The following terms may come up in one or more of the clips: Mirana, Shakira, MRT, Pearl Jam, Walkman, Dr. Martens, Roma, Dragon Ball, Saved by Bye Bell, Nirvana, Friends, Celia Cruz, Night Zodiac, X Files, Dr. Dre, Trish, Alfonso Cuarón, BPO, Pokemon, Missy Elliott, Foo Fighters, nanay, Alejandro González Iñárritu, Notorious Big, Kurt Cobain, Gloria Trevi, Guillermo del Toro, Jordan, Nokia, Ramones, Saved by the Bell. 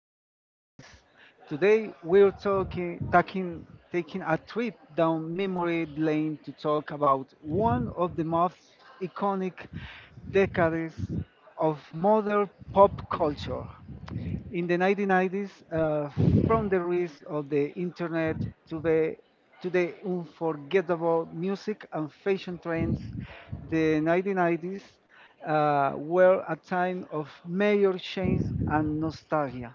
1990s. Today we're taking a trip down memory lane to talk about one of the most iconic decades of modern pop culture. In the 1990s, from the rise of the internet to the unforgettable music and fashion trends, the 1990s were a time of major change and nostalgia.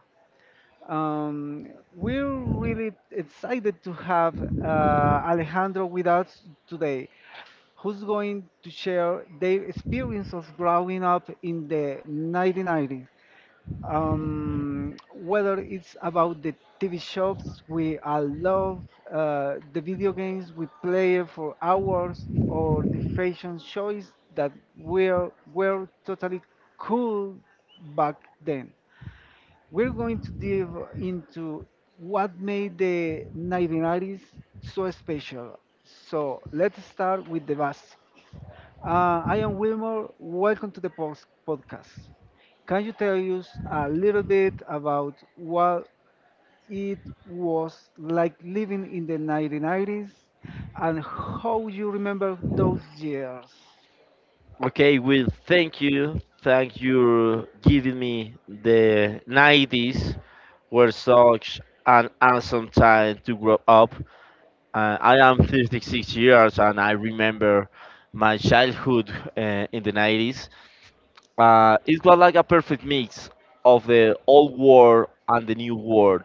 Um, we're really excited to have Alejandro with us today, who's going to share their experience of growing up in the 1990s, whether it's about the TV shows we all love, the video games we play for hours, or the fashion shows that were totally cool back then. We're going to dive into what made the 1990s so special. So let's start with the basics. I am Wilmore. Welcome to the post podcast. Can you tell us a little bit about what it was like living in the 1990s and how you remember those years? Okay, well, thank you. Thank you giving me the 90s were such an awesome time to grow up. I am 56 years and I remember my childhood in the 90s. It was like a perfect mix of the old world and the new world.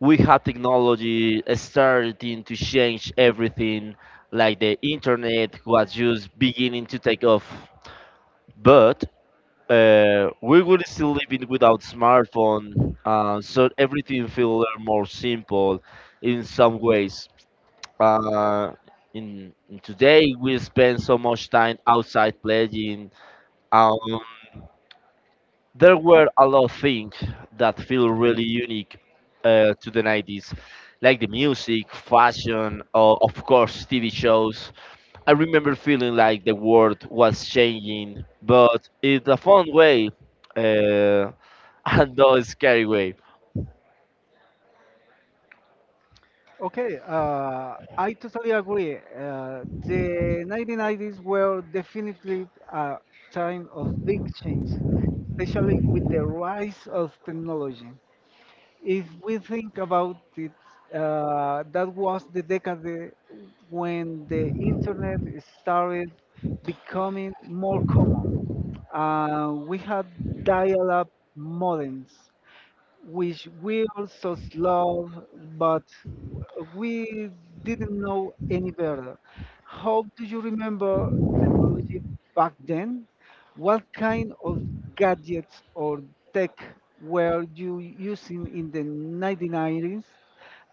We had technology starting to change everything, like the internet was just beginning to take off but we will still living without smartphone, so everything feel more simple in some ways. Uh, in today, we spend so much time outside playing. Um, there were a lot of things that feel really unique to the 90s, like the music, fashion, or of course TV shows. I remember feeling like the world was changing, but in a fun way, uh, and not a scary way. Okay, I totally agree. The 1990s were definitely a time of big change, especially with the rise of technology. If we think about it, that was the decade when the internet started becoming more common. We had dial-up modems which wills us love, but we didn't know any better. How do you remember technology back then? What kind of gadgets or tech were you using in the 1990s?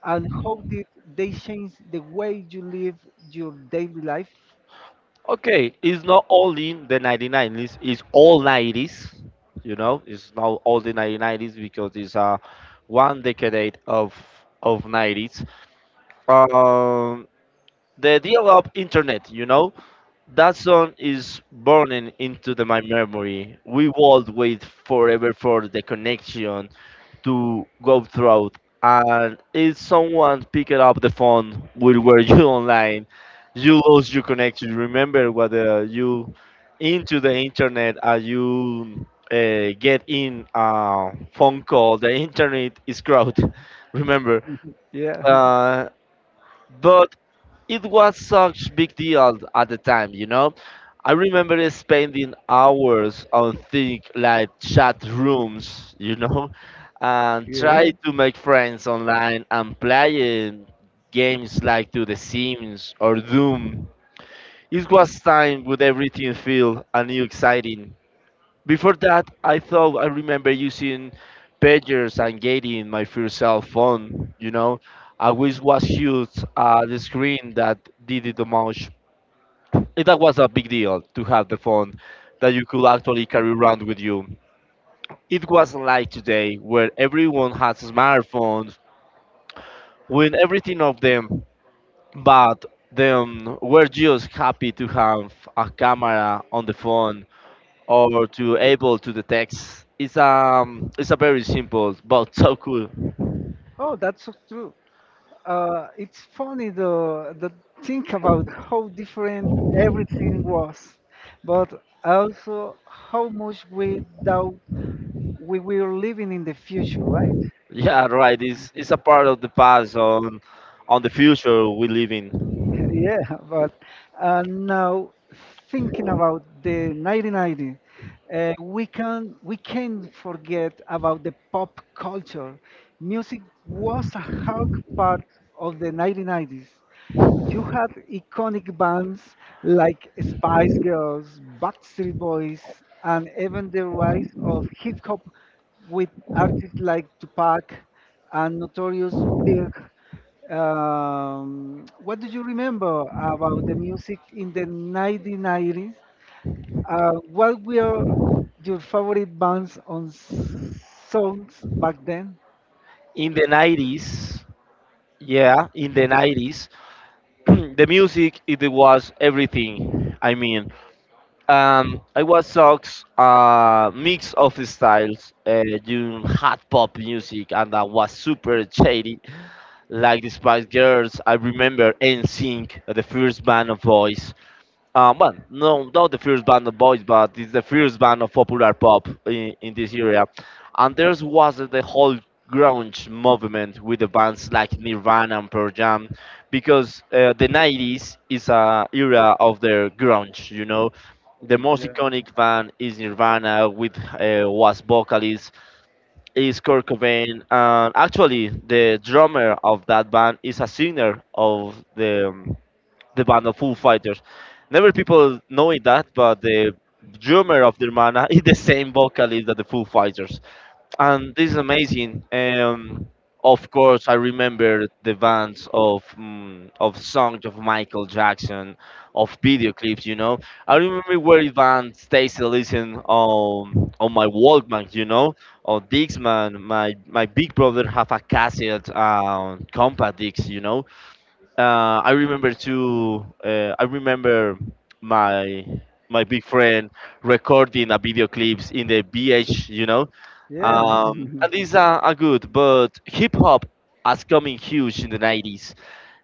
And how did they change the way you live your daily life? Okay, it's not only the 1990s, it's all 90s. You know, it's not all the 1990s because it's one decade of 90s. Um, the deal of internet, you know, that song is burning into the, my memory. We will wait forever for the connection to go through, and if someone picked up the phone while were you online you lose your connection, remember whether you into the internet and you get in a phone call the internet is crowded remember. Yeah. uh, but it was such big deal at the time, you know. I remember spending hours on things like chat rooms, you know, and try to make friends online and playing games like to The Sims or Doom. It was time with everything feel and new exciting. Before that, I thought I remember using pagers and getting my first cell phone. You know, I always was huge the screen that did it the most. That was a big deal to have the phone that you could actually carry around with you. It wasn't like today where everyone has smartphones, with everything of them, but them were just happy to have a camera on the phone or to able to detect. It's a very simple but so cool. Oh, that's so true. It's funny, though, the think about how different everything was, but also how much we doubt we were living in the future, right? Yeah, right. It's a part of the past on the future we live in. yeah, but now thinking about the 1990, we can't forget about the pop culture. Music was a hug part of the 1990s. You had iconic bands like Spice Girls, Backstreet Boys, and even the rise of hip hop with artists like Tupac and Notorious Big. What do you remember about the music in the 1990s? What were your favorite bands on songs back then? In the 90s, yeah, in the 90s, the music it was everything. I mean, I was sucks mix of styles, doing hot pop music, and that was super shady. Like the Spice Girls, I remember NSYNC, the first band of boys. Well, no, not the first band of boys, but it's the first band of popular pop in this area. And there was the whole grunge movement with the bands like Nirvana and Pearl Jam, because the 90s is a era of their grunge. You know, the most iconic band is Nirvana with was vocalist is Kurt Cobain, and actually the drummer of that band is a singer of the band of Foo Fighters. Never people knowing that, but the drummer of Nirvana is the same vocalist that the Foo Fighters, and this is amazing. Of course, I remember the bands of of songs of Michael Jackson, of video clips. You know, I remember where band stays to listen on my Walkman. You know, on Dixman. My big brother have a cassette compact disc. You know, I remember too. I remember my my big friend recording a video clips in the BH, you know. Yeah. And these are good, but hip hop has coming huge in the 90s.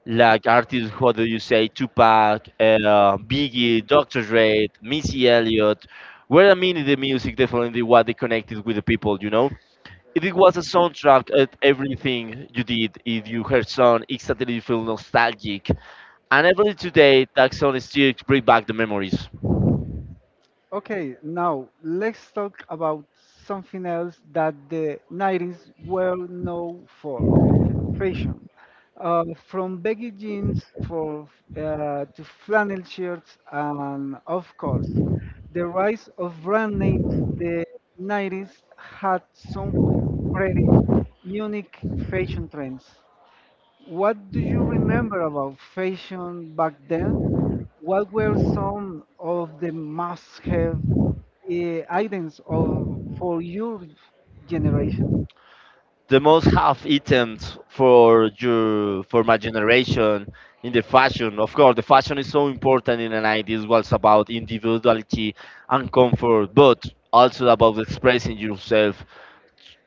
Like artists, what do you say? Tupac, Biggie, Dr. Dre, Missy Elliott. Were I mean in the music, definitely what they connected with the people, you know. It was a soundtrack at everything you did. If you heard song, instantly you feel nostalgic. And every today, that song still bring back the memories. Okay, now let's talk about something else that the 90s were known for: fashion. From baggy jeans for, to flannel shirts, and of course, the rise of brand names, the 90s had some pretty unique fashion trends. What do you remember about fashion back then? What were some of the must have, items of for your generation. The most half items for your for my generation in the fashion. Of course, the fashion is so important in the 90s. Was about individuality and comfort, but also about expressing yourself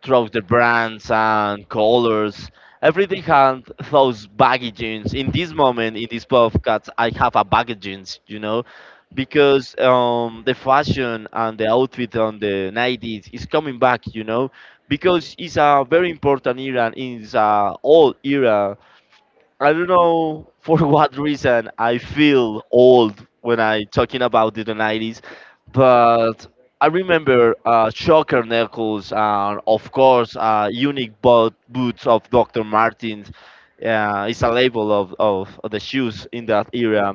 through the brands and colors. Everything had those baggy jeans. In this moment, in this podcast, I have a baggy jeans, you know, because the fashion and the outfit on the 90s is coming back, you know, because it's a very important era. It's a old era. I don't know for what reason I feel old when I talking about the 90s, but I remember shocker knuckles and of course unique boots of Dr. Martens. It's a label of the shoes in that era.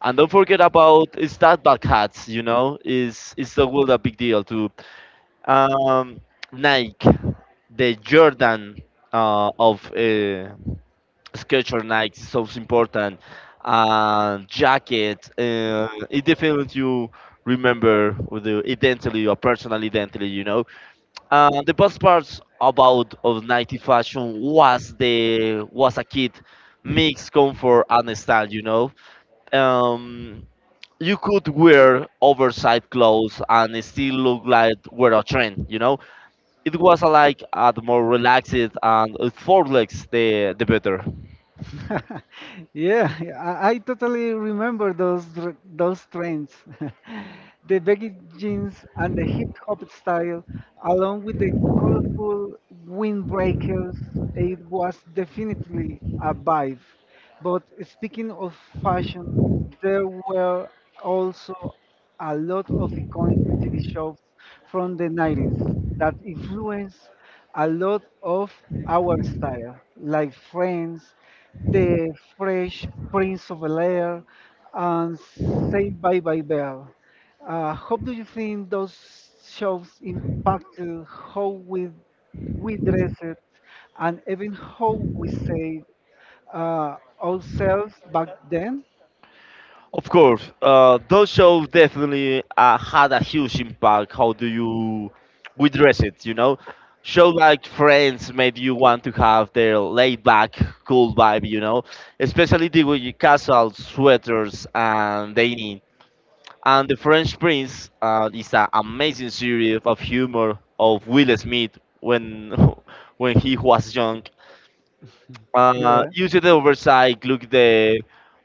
And don't forget about it's that bad hats, you know, is it's the world a big deal too. Um, Nike, the Jordan of sculpture like so important, and jacket it definitely you remember with the identity or personal identity, you know. The best parts about of 90 fashion was the was a kid mix comfort and style, you know. um, you could wear oversized clothes and still look like we're a trend, you know. It was the more relaxed and for legs the better. yeah, I totally remember those trends, the baggy jeans and the hip hop style, along with the colorful windbreakers. It was definitely a vibe. But speaking of fashion, there were also a lot of iconic TV shows from the 90s that influenced a lot of our style, like Friends, The Fresh Prince of Bel-Air, and Saved by Bye Bell. How do you think those shows impacted how we dress it and even how we say uh, ourselves back then? Of course, those shows definitely had a huge impact. How do you we dress it? You know, show like Friends made you want to have their laid back, cool vibe. You know, especially the way you casual sweaters and dainty. And the French Prince is an amazing series of humor of Will Smith when when he was young. Yeah, Usually the oversight, look the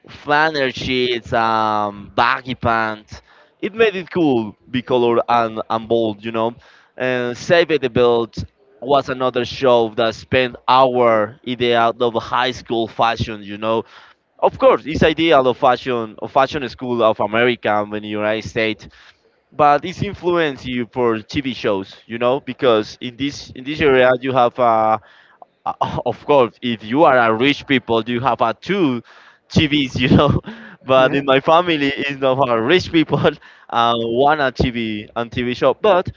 flannel sheets, baggy pants. It made it cool, bicolored and bold, you know. And Save It the Belt was another show that spent hour in the out of high school fashion, you know. Of course, it's ideal of fashion school of America and in the United States, but it's influenced you for TV shows, you know, because in this area you have of course, if you are a rich people, you have a two TVs, you know. But yeah. in my family, it's not for rich people, one a TV and TV show. But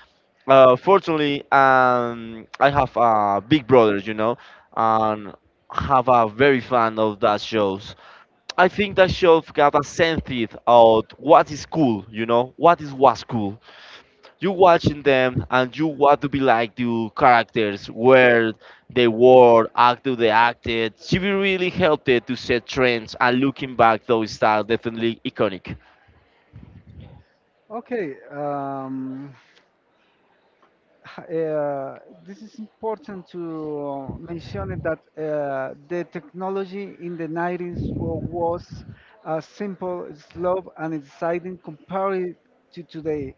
fortunately, I have a big brother, you know, and have a very fan of that shows. I think that show got a sense of what is cool, you know, what is was cool you watching them and you want to be like the characters where they acted. TV really helped it to set trends, and looking back those styles definitely iconic. Okay. Uh, this is important to mention it that the technology in the 90s was simple, slow, and exciting compared to today.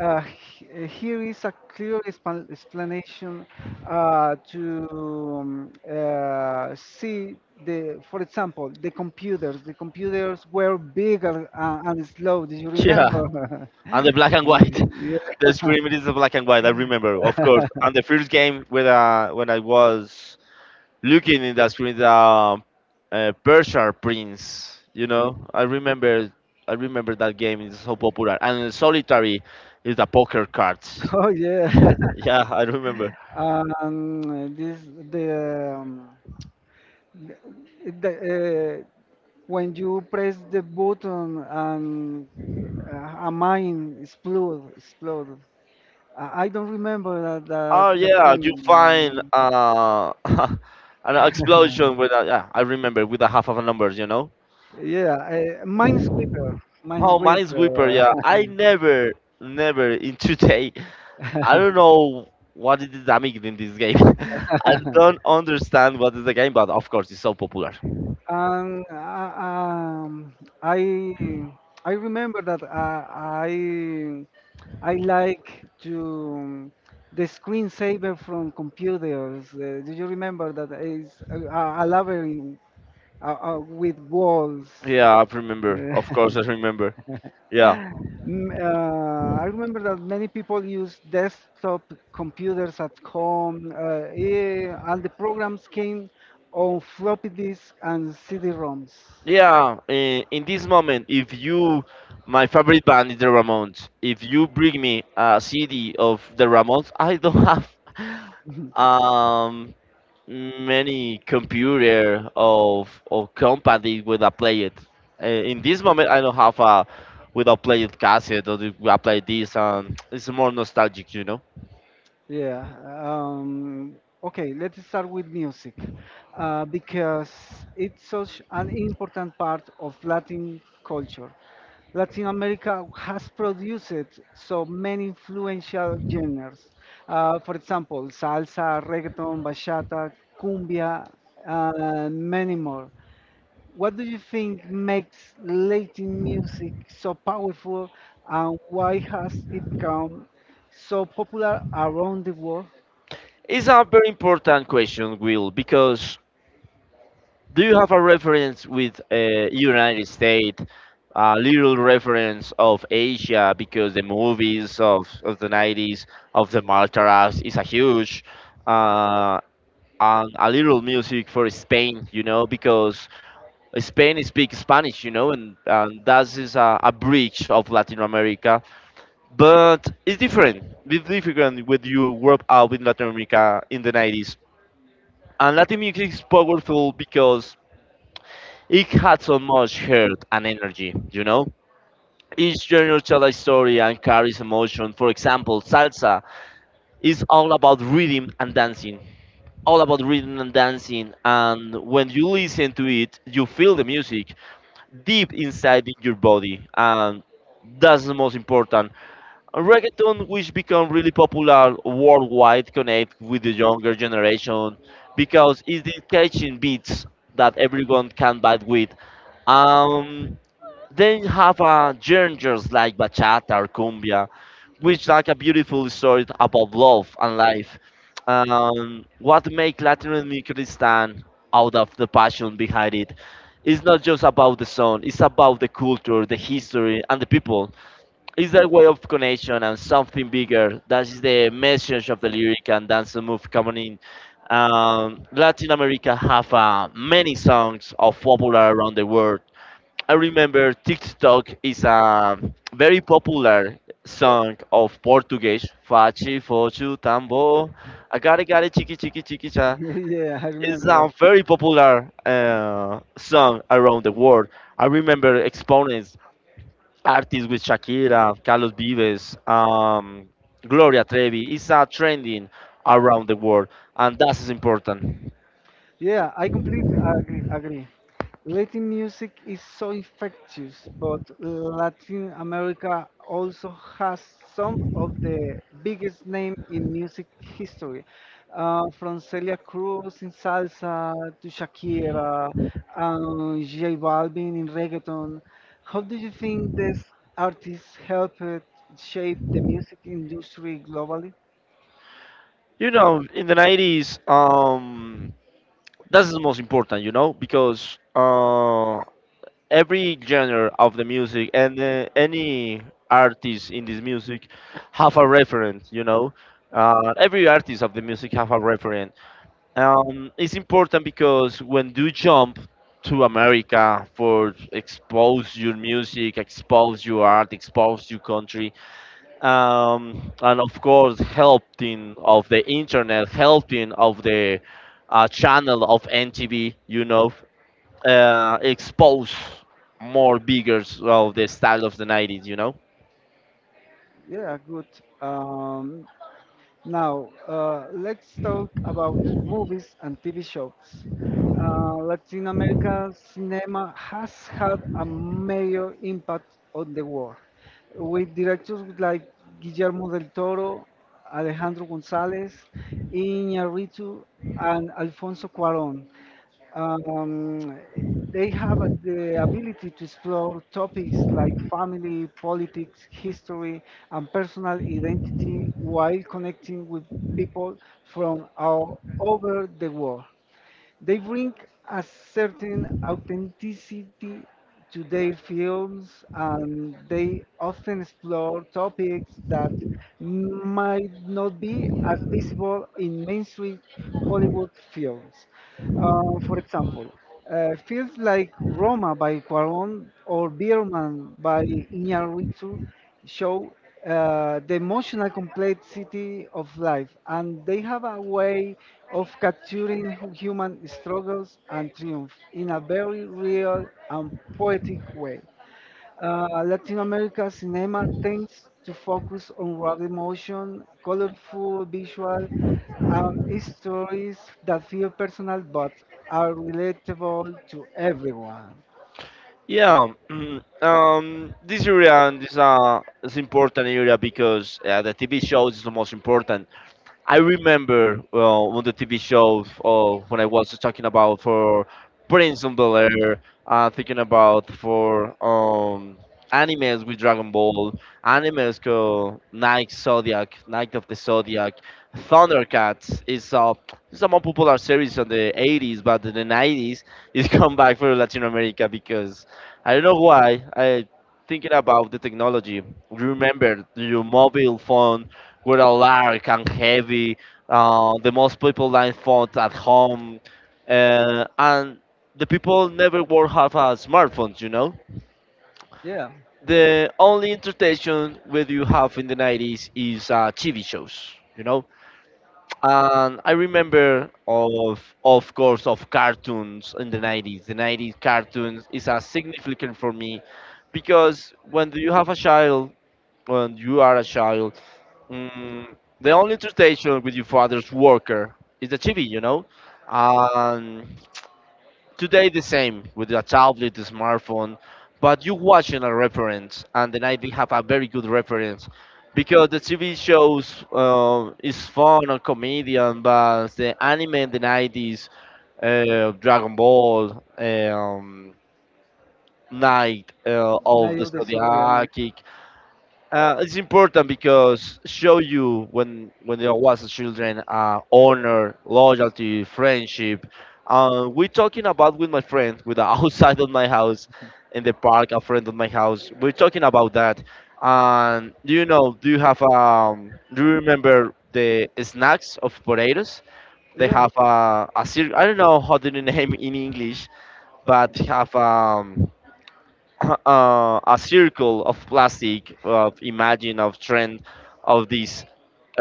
Here is a clear explanation to see the, for example, the computers. The computers were bigger and, slow. Do you Yeah, remember? and the black and white the scream is the black and white, I Yeah. remember, of course. And the first game when I was looking in the screen the persia prince, you know, I remember. I remember that game is so popular and solitary is the poker cards. Oh yeah, Yeah, I remember. um, this the, um, the when you press the button and a mine explode. I don't remember that that, Oh Oh that, yeah, yeah, you game. find Fine. An explosion with a, yeah, I remember with a half of a number, you know. Yeah, Minesweeper, oh Oh, Minesweeper, Minesweeper. yeah. I never, never in today. I don't know what is the damage in this game. I don't understand what is the game, but of course it's so popular. And I I remember that I I like to, the screensaver from computers. Do you remember that is a labyrinth with walls? Yeah, I remember. Yeah. Of course I remember. Yeah. I remember that many people use desktop computers at home, and the programs came on floppy disks and CD-ROMs. Yeah, in this moment, if you, my favorite band is the Ramones. If you bring me a CD of the Ramones, I don't have um many computer of or company with a play it. In this moment, I don't have a with a play it cassette or the- I play this, and it's more nostalgic, you know. Yeah. Um, okay, let's start with music because it's such an important part of Latin culture. Latin America has produced so many influential genres. For example, salsa, reggaeton, bachata, cumbia, and many more. What do you think makes Latin music so powerful and why has it become so popular around the world? It's a very important question, Will, because do you have a reference with United States, a little reference of Asia because the movies of the 90s of the Maltaras is a huge, uh, and a little music for Spain, you know, because Spain speaks Spanish, you know, and that is a bridge of Latin America. But it's different. It's different when you work out with Latin America in the 90s. And Latin music is powerful because it had so much heart and energy, you know? Each genre tells a story and carries emotion. For example, salsa is all about rhythm and dancing. All about rhythm and dancing, and when you listen to it, you feel the music deep inside in your body, and that's the most important. Reggaeton, which become really popular worldwide, connect with the younger generation because it's the catching beats that everyone can vibe with. Um, then you have genres like bachata or cumbia, which like a beautiful story about love and life. What make Latin rhythm stand out of the passion behind it? It's not just about the song; it's about the culture, the history, and the people. It's a way of connection and something bigger. That is the message of the lyric and dance move coming in. Latin America have many songs of popular around the world. I remember TikTok is a very popular song of Portuguese. Fachi, fochu, tambo, agare, gare, chiqui, chiqui, chiqui, cha. yeah, I It's remember a that. very popular song around the world. I remember exponents, artists with Shakira, Carlos Vives, Gloria Trevi. It's a trending around the world, and that is important. Yeah, I completely agree. Latin music is so infectious, but Latin America also has some of the biggest name in music history, from Celia Cruz in salsa to Shakira and J Balvin in reggaeton. How do you think these artists helped shape the music industry globally? You know, in the 90s, that's the most important, you know, because every genre of the music and any artist in this music have a reference, you know. Every artist of the music have a reference. It's important because when you jump to America for expose your music, expose your art, expose your country, and of course helping of the internet, helping of the channel of NTV, you know, expose more bigger of the style of the 90s, you know. Yeah, good. Um, Now, let's talk about movies and TV shows. Latin American cinema has had a major impact on the world, with directors like Guillermo del Toro, Alejandro González, Iñárritu, and Alfonso Cuarón. Um, they have the ability to explore topics like family, politics, history, and personal identity while connecting with people from all over the world. They bring a certain authenticity to their films and they often explore topics that might not be as visible in mainstream Hollywood films. For example, films like Roma by Cuarón or *Birdman* by Iñárritu show the emotional complexity of life, and they have a way of capturing human struggles and triumph in a very real and poetic way. Latin America cinema tends to focus on raw emotion, colorful visual, and stories that feel personal but are relatable to everyone. Yeah, this area and this is important area because the TV shows is the most important. I remember well one of the TV shows when I was talking about for Prince of Bel Air, thinking about for animes with Dragon Ball, animes called Night Zodiac, Night of the Zodiac, Thundercats is it's a more popular series on the 80s, but in the 90s it's come back for Latin America because I don't know why I thinking about the technology. Remember your mobile phone we're large and heavy. The most people line phones at home, and the people never were have a smartphones. You know, Yeah, the only entertainment that you have in the 90s is TV shows. You know, and I remember of course of cartoons in the 90s. The 90s cartoons is a significant for me because when you are a child. Mm, the only interpretation with your father's worker is the TV, you know. Um, Today the same with a tablet, the smartphone, but you watching a reference, and then I did have a very good reference because the TV shows is fun or comedian, but the anime in the 90s, Dragon Ball, Night of Night the of the Zodiac. Zodiac, it's important because show you when there was a children honor, loyalty, friendship. We talking about with my friend, with the outside of my house, in the park, a friend of my house. We're talking about that. And do you know? Do you have? Do you remember the snacks of potatoes? They Yeah, have a I don't know how to name in English, but have a circle of plastic of imagine of trend of these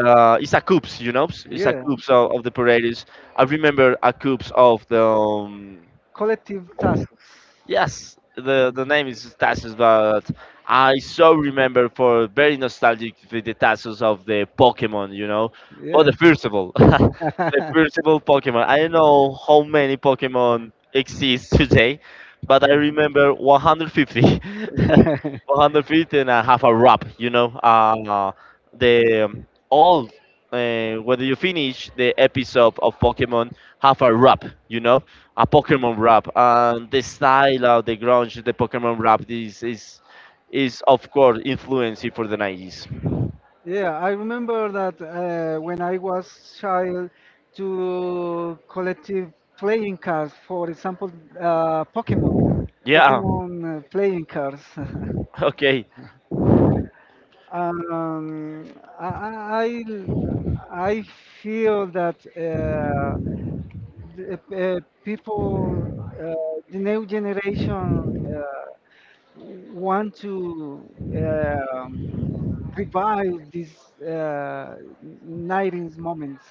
it's a cubes, you know, it's a yeah. cubes of the paredes. I remember a cubes of the Collective tasks. yes, the name is Tassos, but I so remember for very nostalgic with the Tassos of the Pokemon, you know. But the Yeah. first of all, the first of all Pokemon. I don't know how many Pokemon exist today, but I remember 150. remember. 150 and I have a wrap, you know. The all whether you finish the episode of Pokemon, have a wrap, you know, a Pokemon rap, and the style of the grunge, the Pokemon rap is of course influencing for the 90s. yeah, I remember that when I was child, to collective playing cards, for example, Pokemon, Yeah. Pokemon playing cards. Okay. um, I, I I feel that the, people, the new generation, uh, want to um, revive these uh, 90s moments.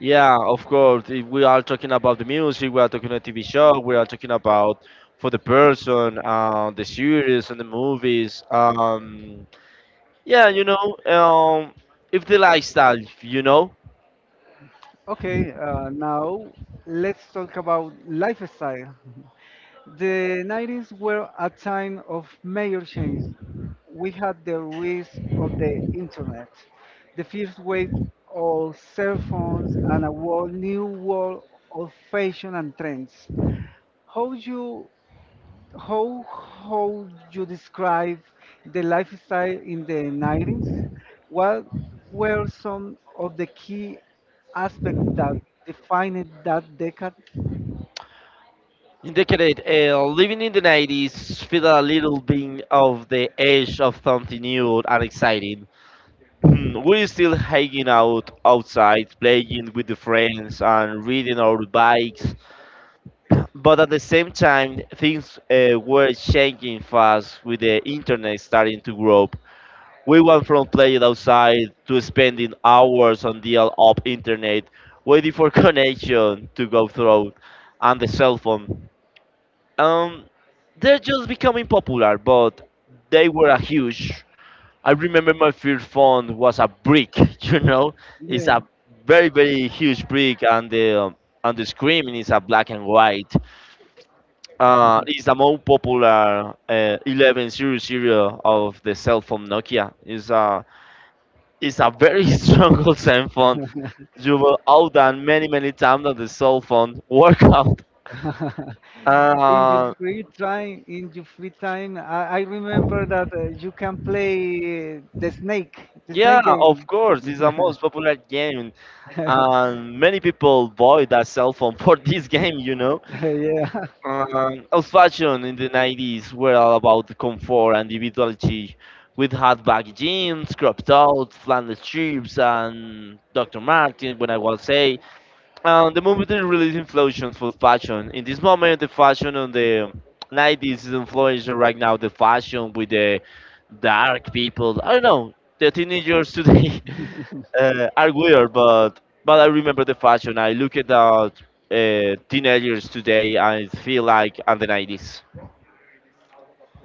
Yeah, of course. If we are talking about the music, we are talking about TV show, we are talking about for the person, the series and the movies. Yeah, you know, if the lifestyle, you know, Okay, now let's talk about lifestyle. The 90s were a time of major change. We had the rise of the internet, the first wave of cell phones, and a whole new world of fashion and trends. How you how you describe the lifestyle in the 90s? What were some of the key aspects that defined that decade? in decade, living in the 90s feel a little bit of the edge of something new and exciting. We're still hanging out outside, playing with the friends and riding our bikes, but at the same time, things were changing fast with the internet starting to grow up. We went from playing outside to spending hours on dial up internet, waiting for connection to go through, and the cell phone. Um, they're just becoming popular, but they were a huge. I remember my first phone was a brick. You know, it's a very huge brick, and the screen is a black and white. It's a more popular 11 series serial of the cell phone Nokia. It's a very strong old cell phone. You will outdone many times on the cell phone workout. in your Uh, free time, in your free time, I remember that you can play the snake, the Yeah, snake. Yeah, of of game. course, it's the Course. most popular game, Uh, and many people buy that cell phone for This this game, game, you you know. know. yeah. Old fashion in the 90s were all about comfort and individuality. We'd had baggy jeans, cropped out, flannel shirts, and Dr. Martens when I was eight. The movement is released influence for fashion. In this moment, the fashion on the 90s is influencing right now the fashion with the dark people. I don't know. The teenagers today are weird, but I remember the fashion. I look at the teenagers today and it feel like I the 90s.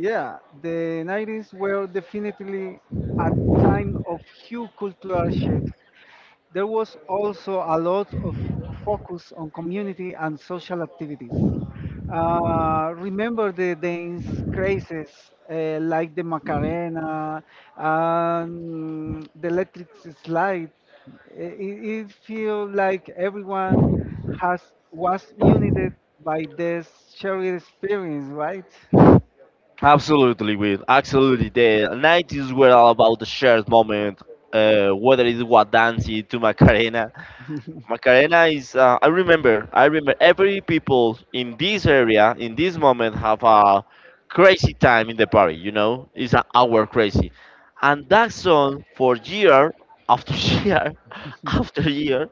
Yeah, the 90s were definitely a time of huge cultural shifts. There was also a lot of focus on community and social activities. Remember the dance crazes, like the Macarena and the electric slide. It feels like everyone has was united by this shared experience, right? Absolutely, Will. Absolutely. The 90s were all about the shared moment, whether it was dancing to Macarena. Macarena is. I remember. Every people in this area in this moment have a crazy time in the party. You know, it's an hour crazy, and that song for year after year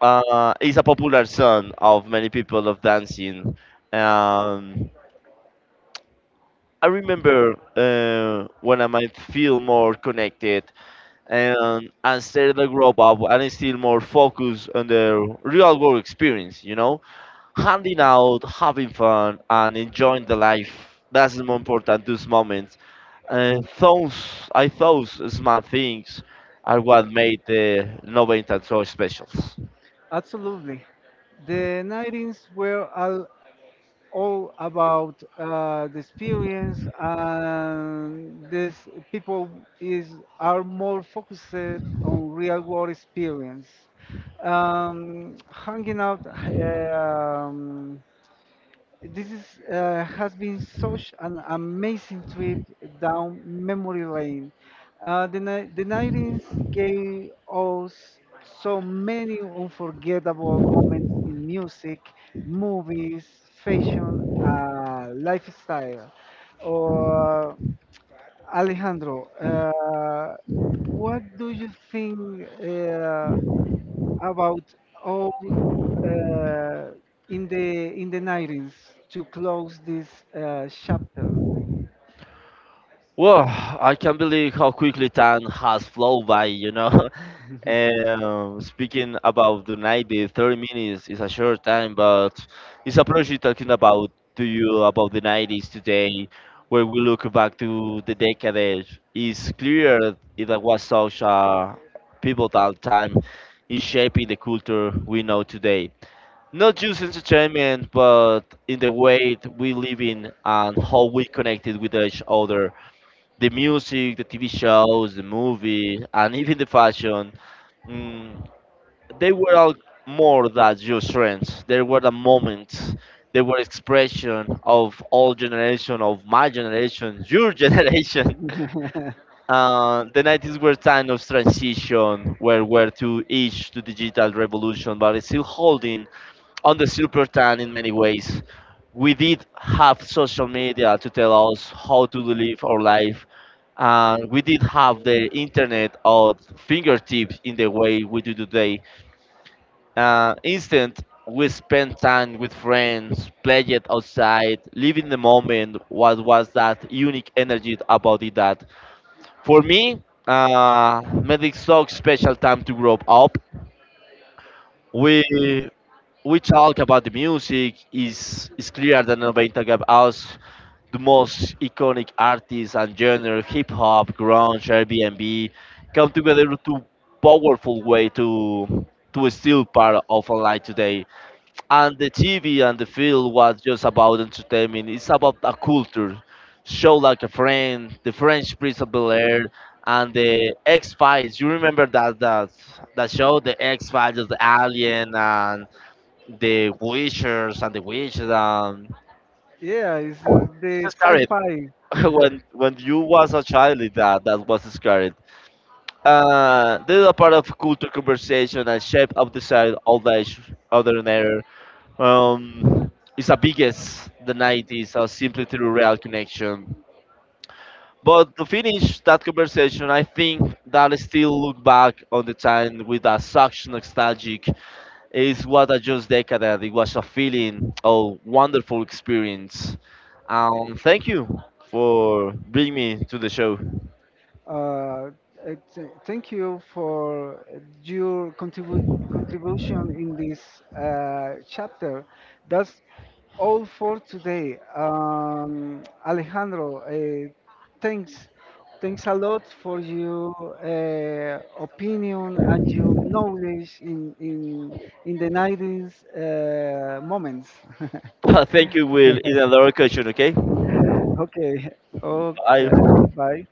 is a popular song of many people of dancing. Um, I remember when I might feel more connected and started to grow up and still more focused on the real world experience. You know, handing out, having fun, and enjoying the life. That's more important. Those moments, and those I thought, small things are what made the noventa so special. Absolutely. The 90s were all about the experience, and this people is are more focused on real world experience. Hanging out, um, this is, has been such an amazing trip down memory lane. The 90s gave us so many unforgettable moments in music, movies, fashion, lifestyle. Or Alejandro, what do you think? About all uh, in the 90s to close this chapter. Well, I can't believe how quickly time has flown by, you know. And speaking about the 90s, 30 minutes is a short time, but it's a pleasure talking about to you about the 90s today, where we look back to the decade. It's clear it was such a pivotal time in shaping the culture we know today. Not just entertainment, but in the way that we live in and how we connected with each other the music, the TV shows, the movie, and even the fashion, mm, they were all more than just trends. They were the moments. They were expression of all generation, of my generation, your generation. The 90s were time of transition, where we're to each to digital revolution, but it's still holding on the Super Tan in many ways. We did have social media to tell us how to live our life, and we did have the internet at fingertips in the way we do today. Instant, we spent time with friends, played it outside, living the moment. What was that unique energy about it? That for me, made it so special time to grow up. We we talk about the music is clear that Noventa gave us the most iconic artists and genre hip hop, grunge, Airbnb come together to powerful way to still part of online today. And the TV and the film was just about entertainment. It's about a culture. Show like a friend, the French Prince of Bel Air, and the X Files. You remember that that show, the X Files, the Alien, and the wishers and the wishes. Yeah, it's the It's scary when you was a sci-fi. child that that was scary. This is a part of culture conversation and shape of desire, old age, other ordinary. Um, it's the biggest the 90s or simply through real connection. But to finish that conversation, I think that I still look back on the time with a such nostalgic. It's what I just decadent. It was a feeling a wonderful experience. Thank you for bringing me to the show. Uh, uh, thank you for your contribution in this chapter. That's all for today. Alejandro, thanks. Thanks a lot for your opinion and your knowledge in the 90s moments. Thank you, Will. It's another question, okay? okay. Oh, Bye. Goodbye.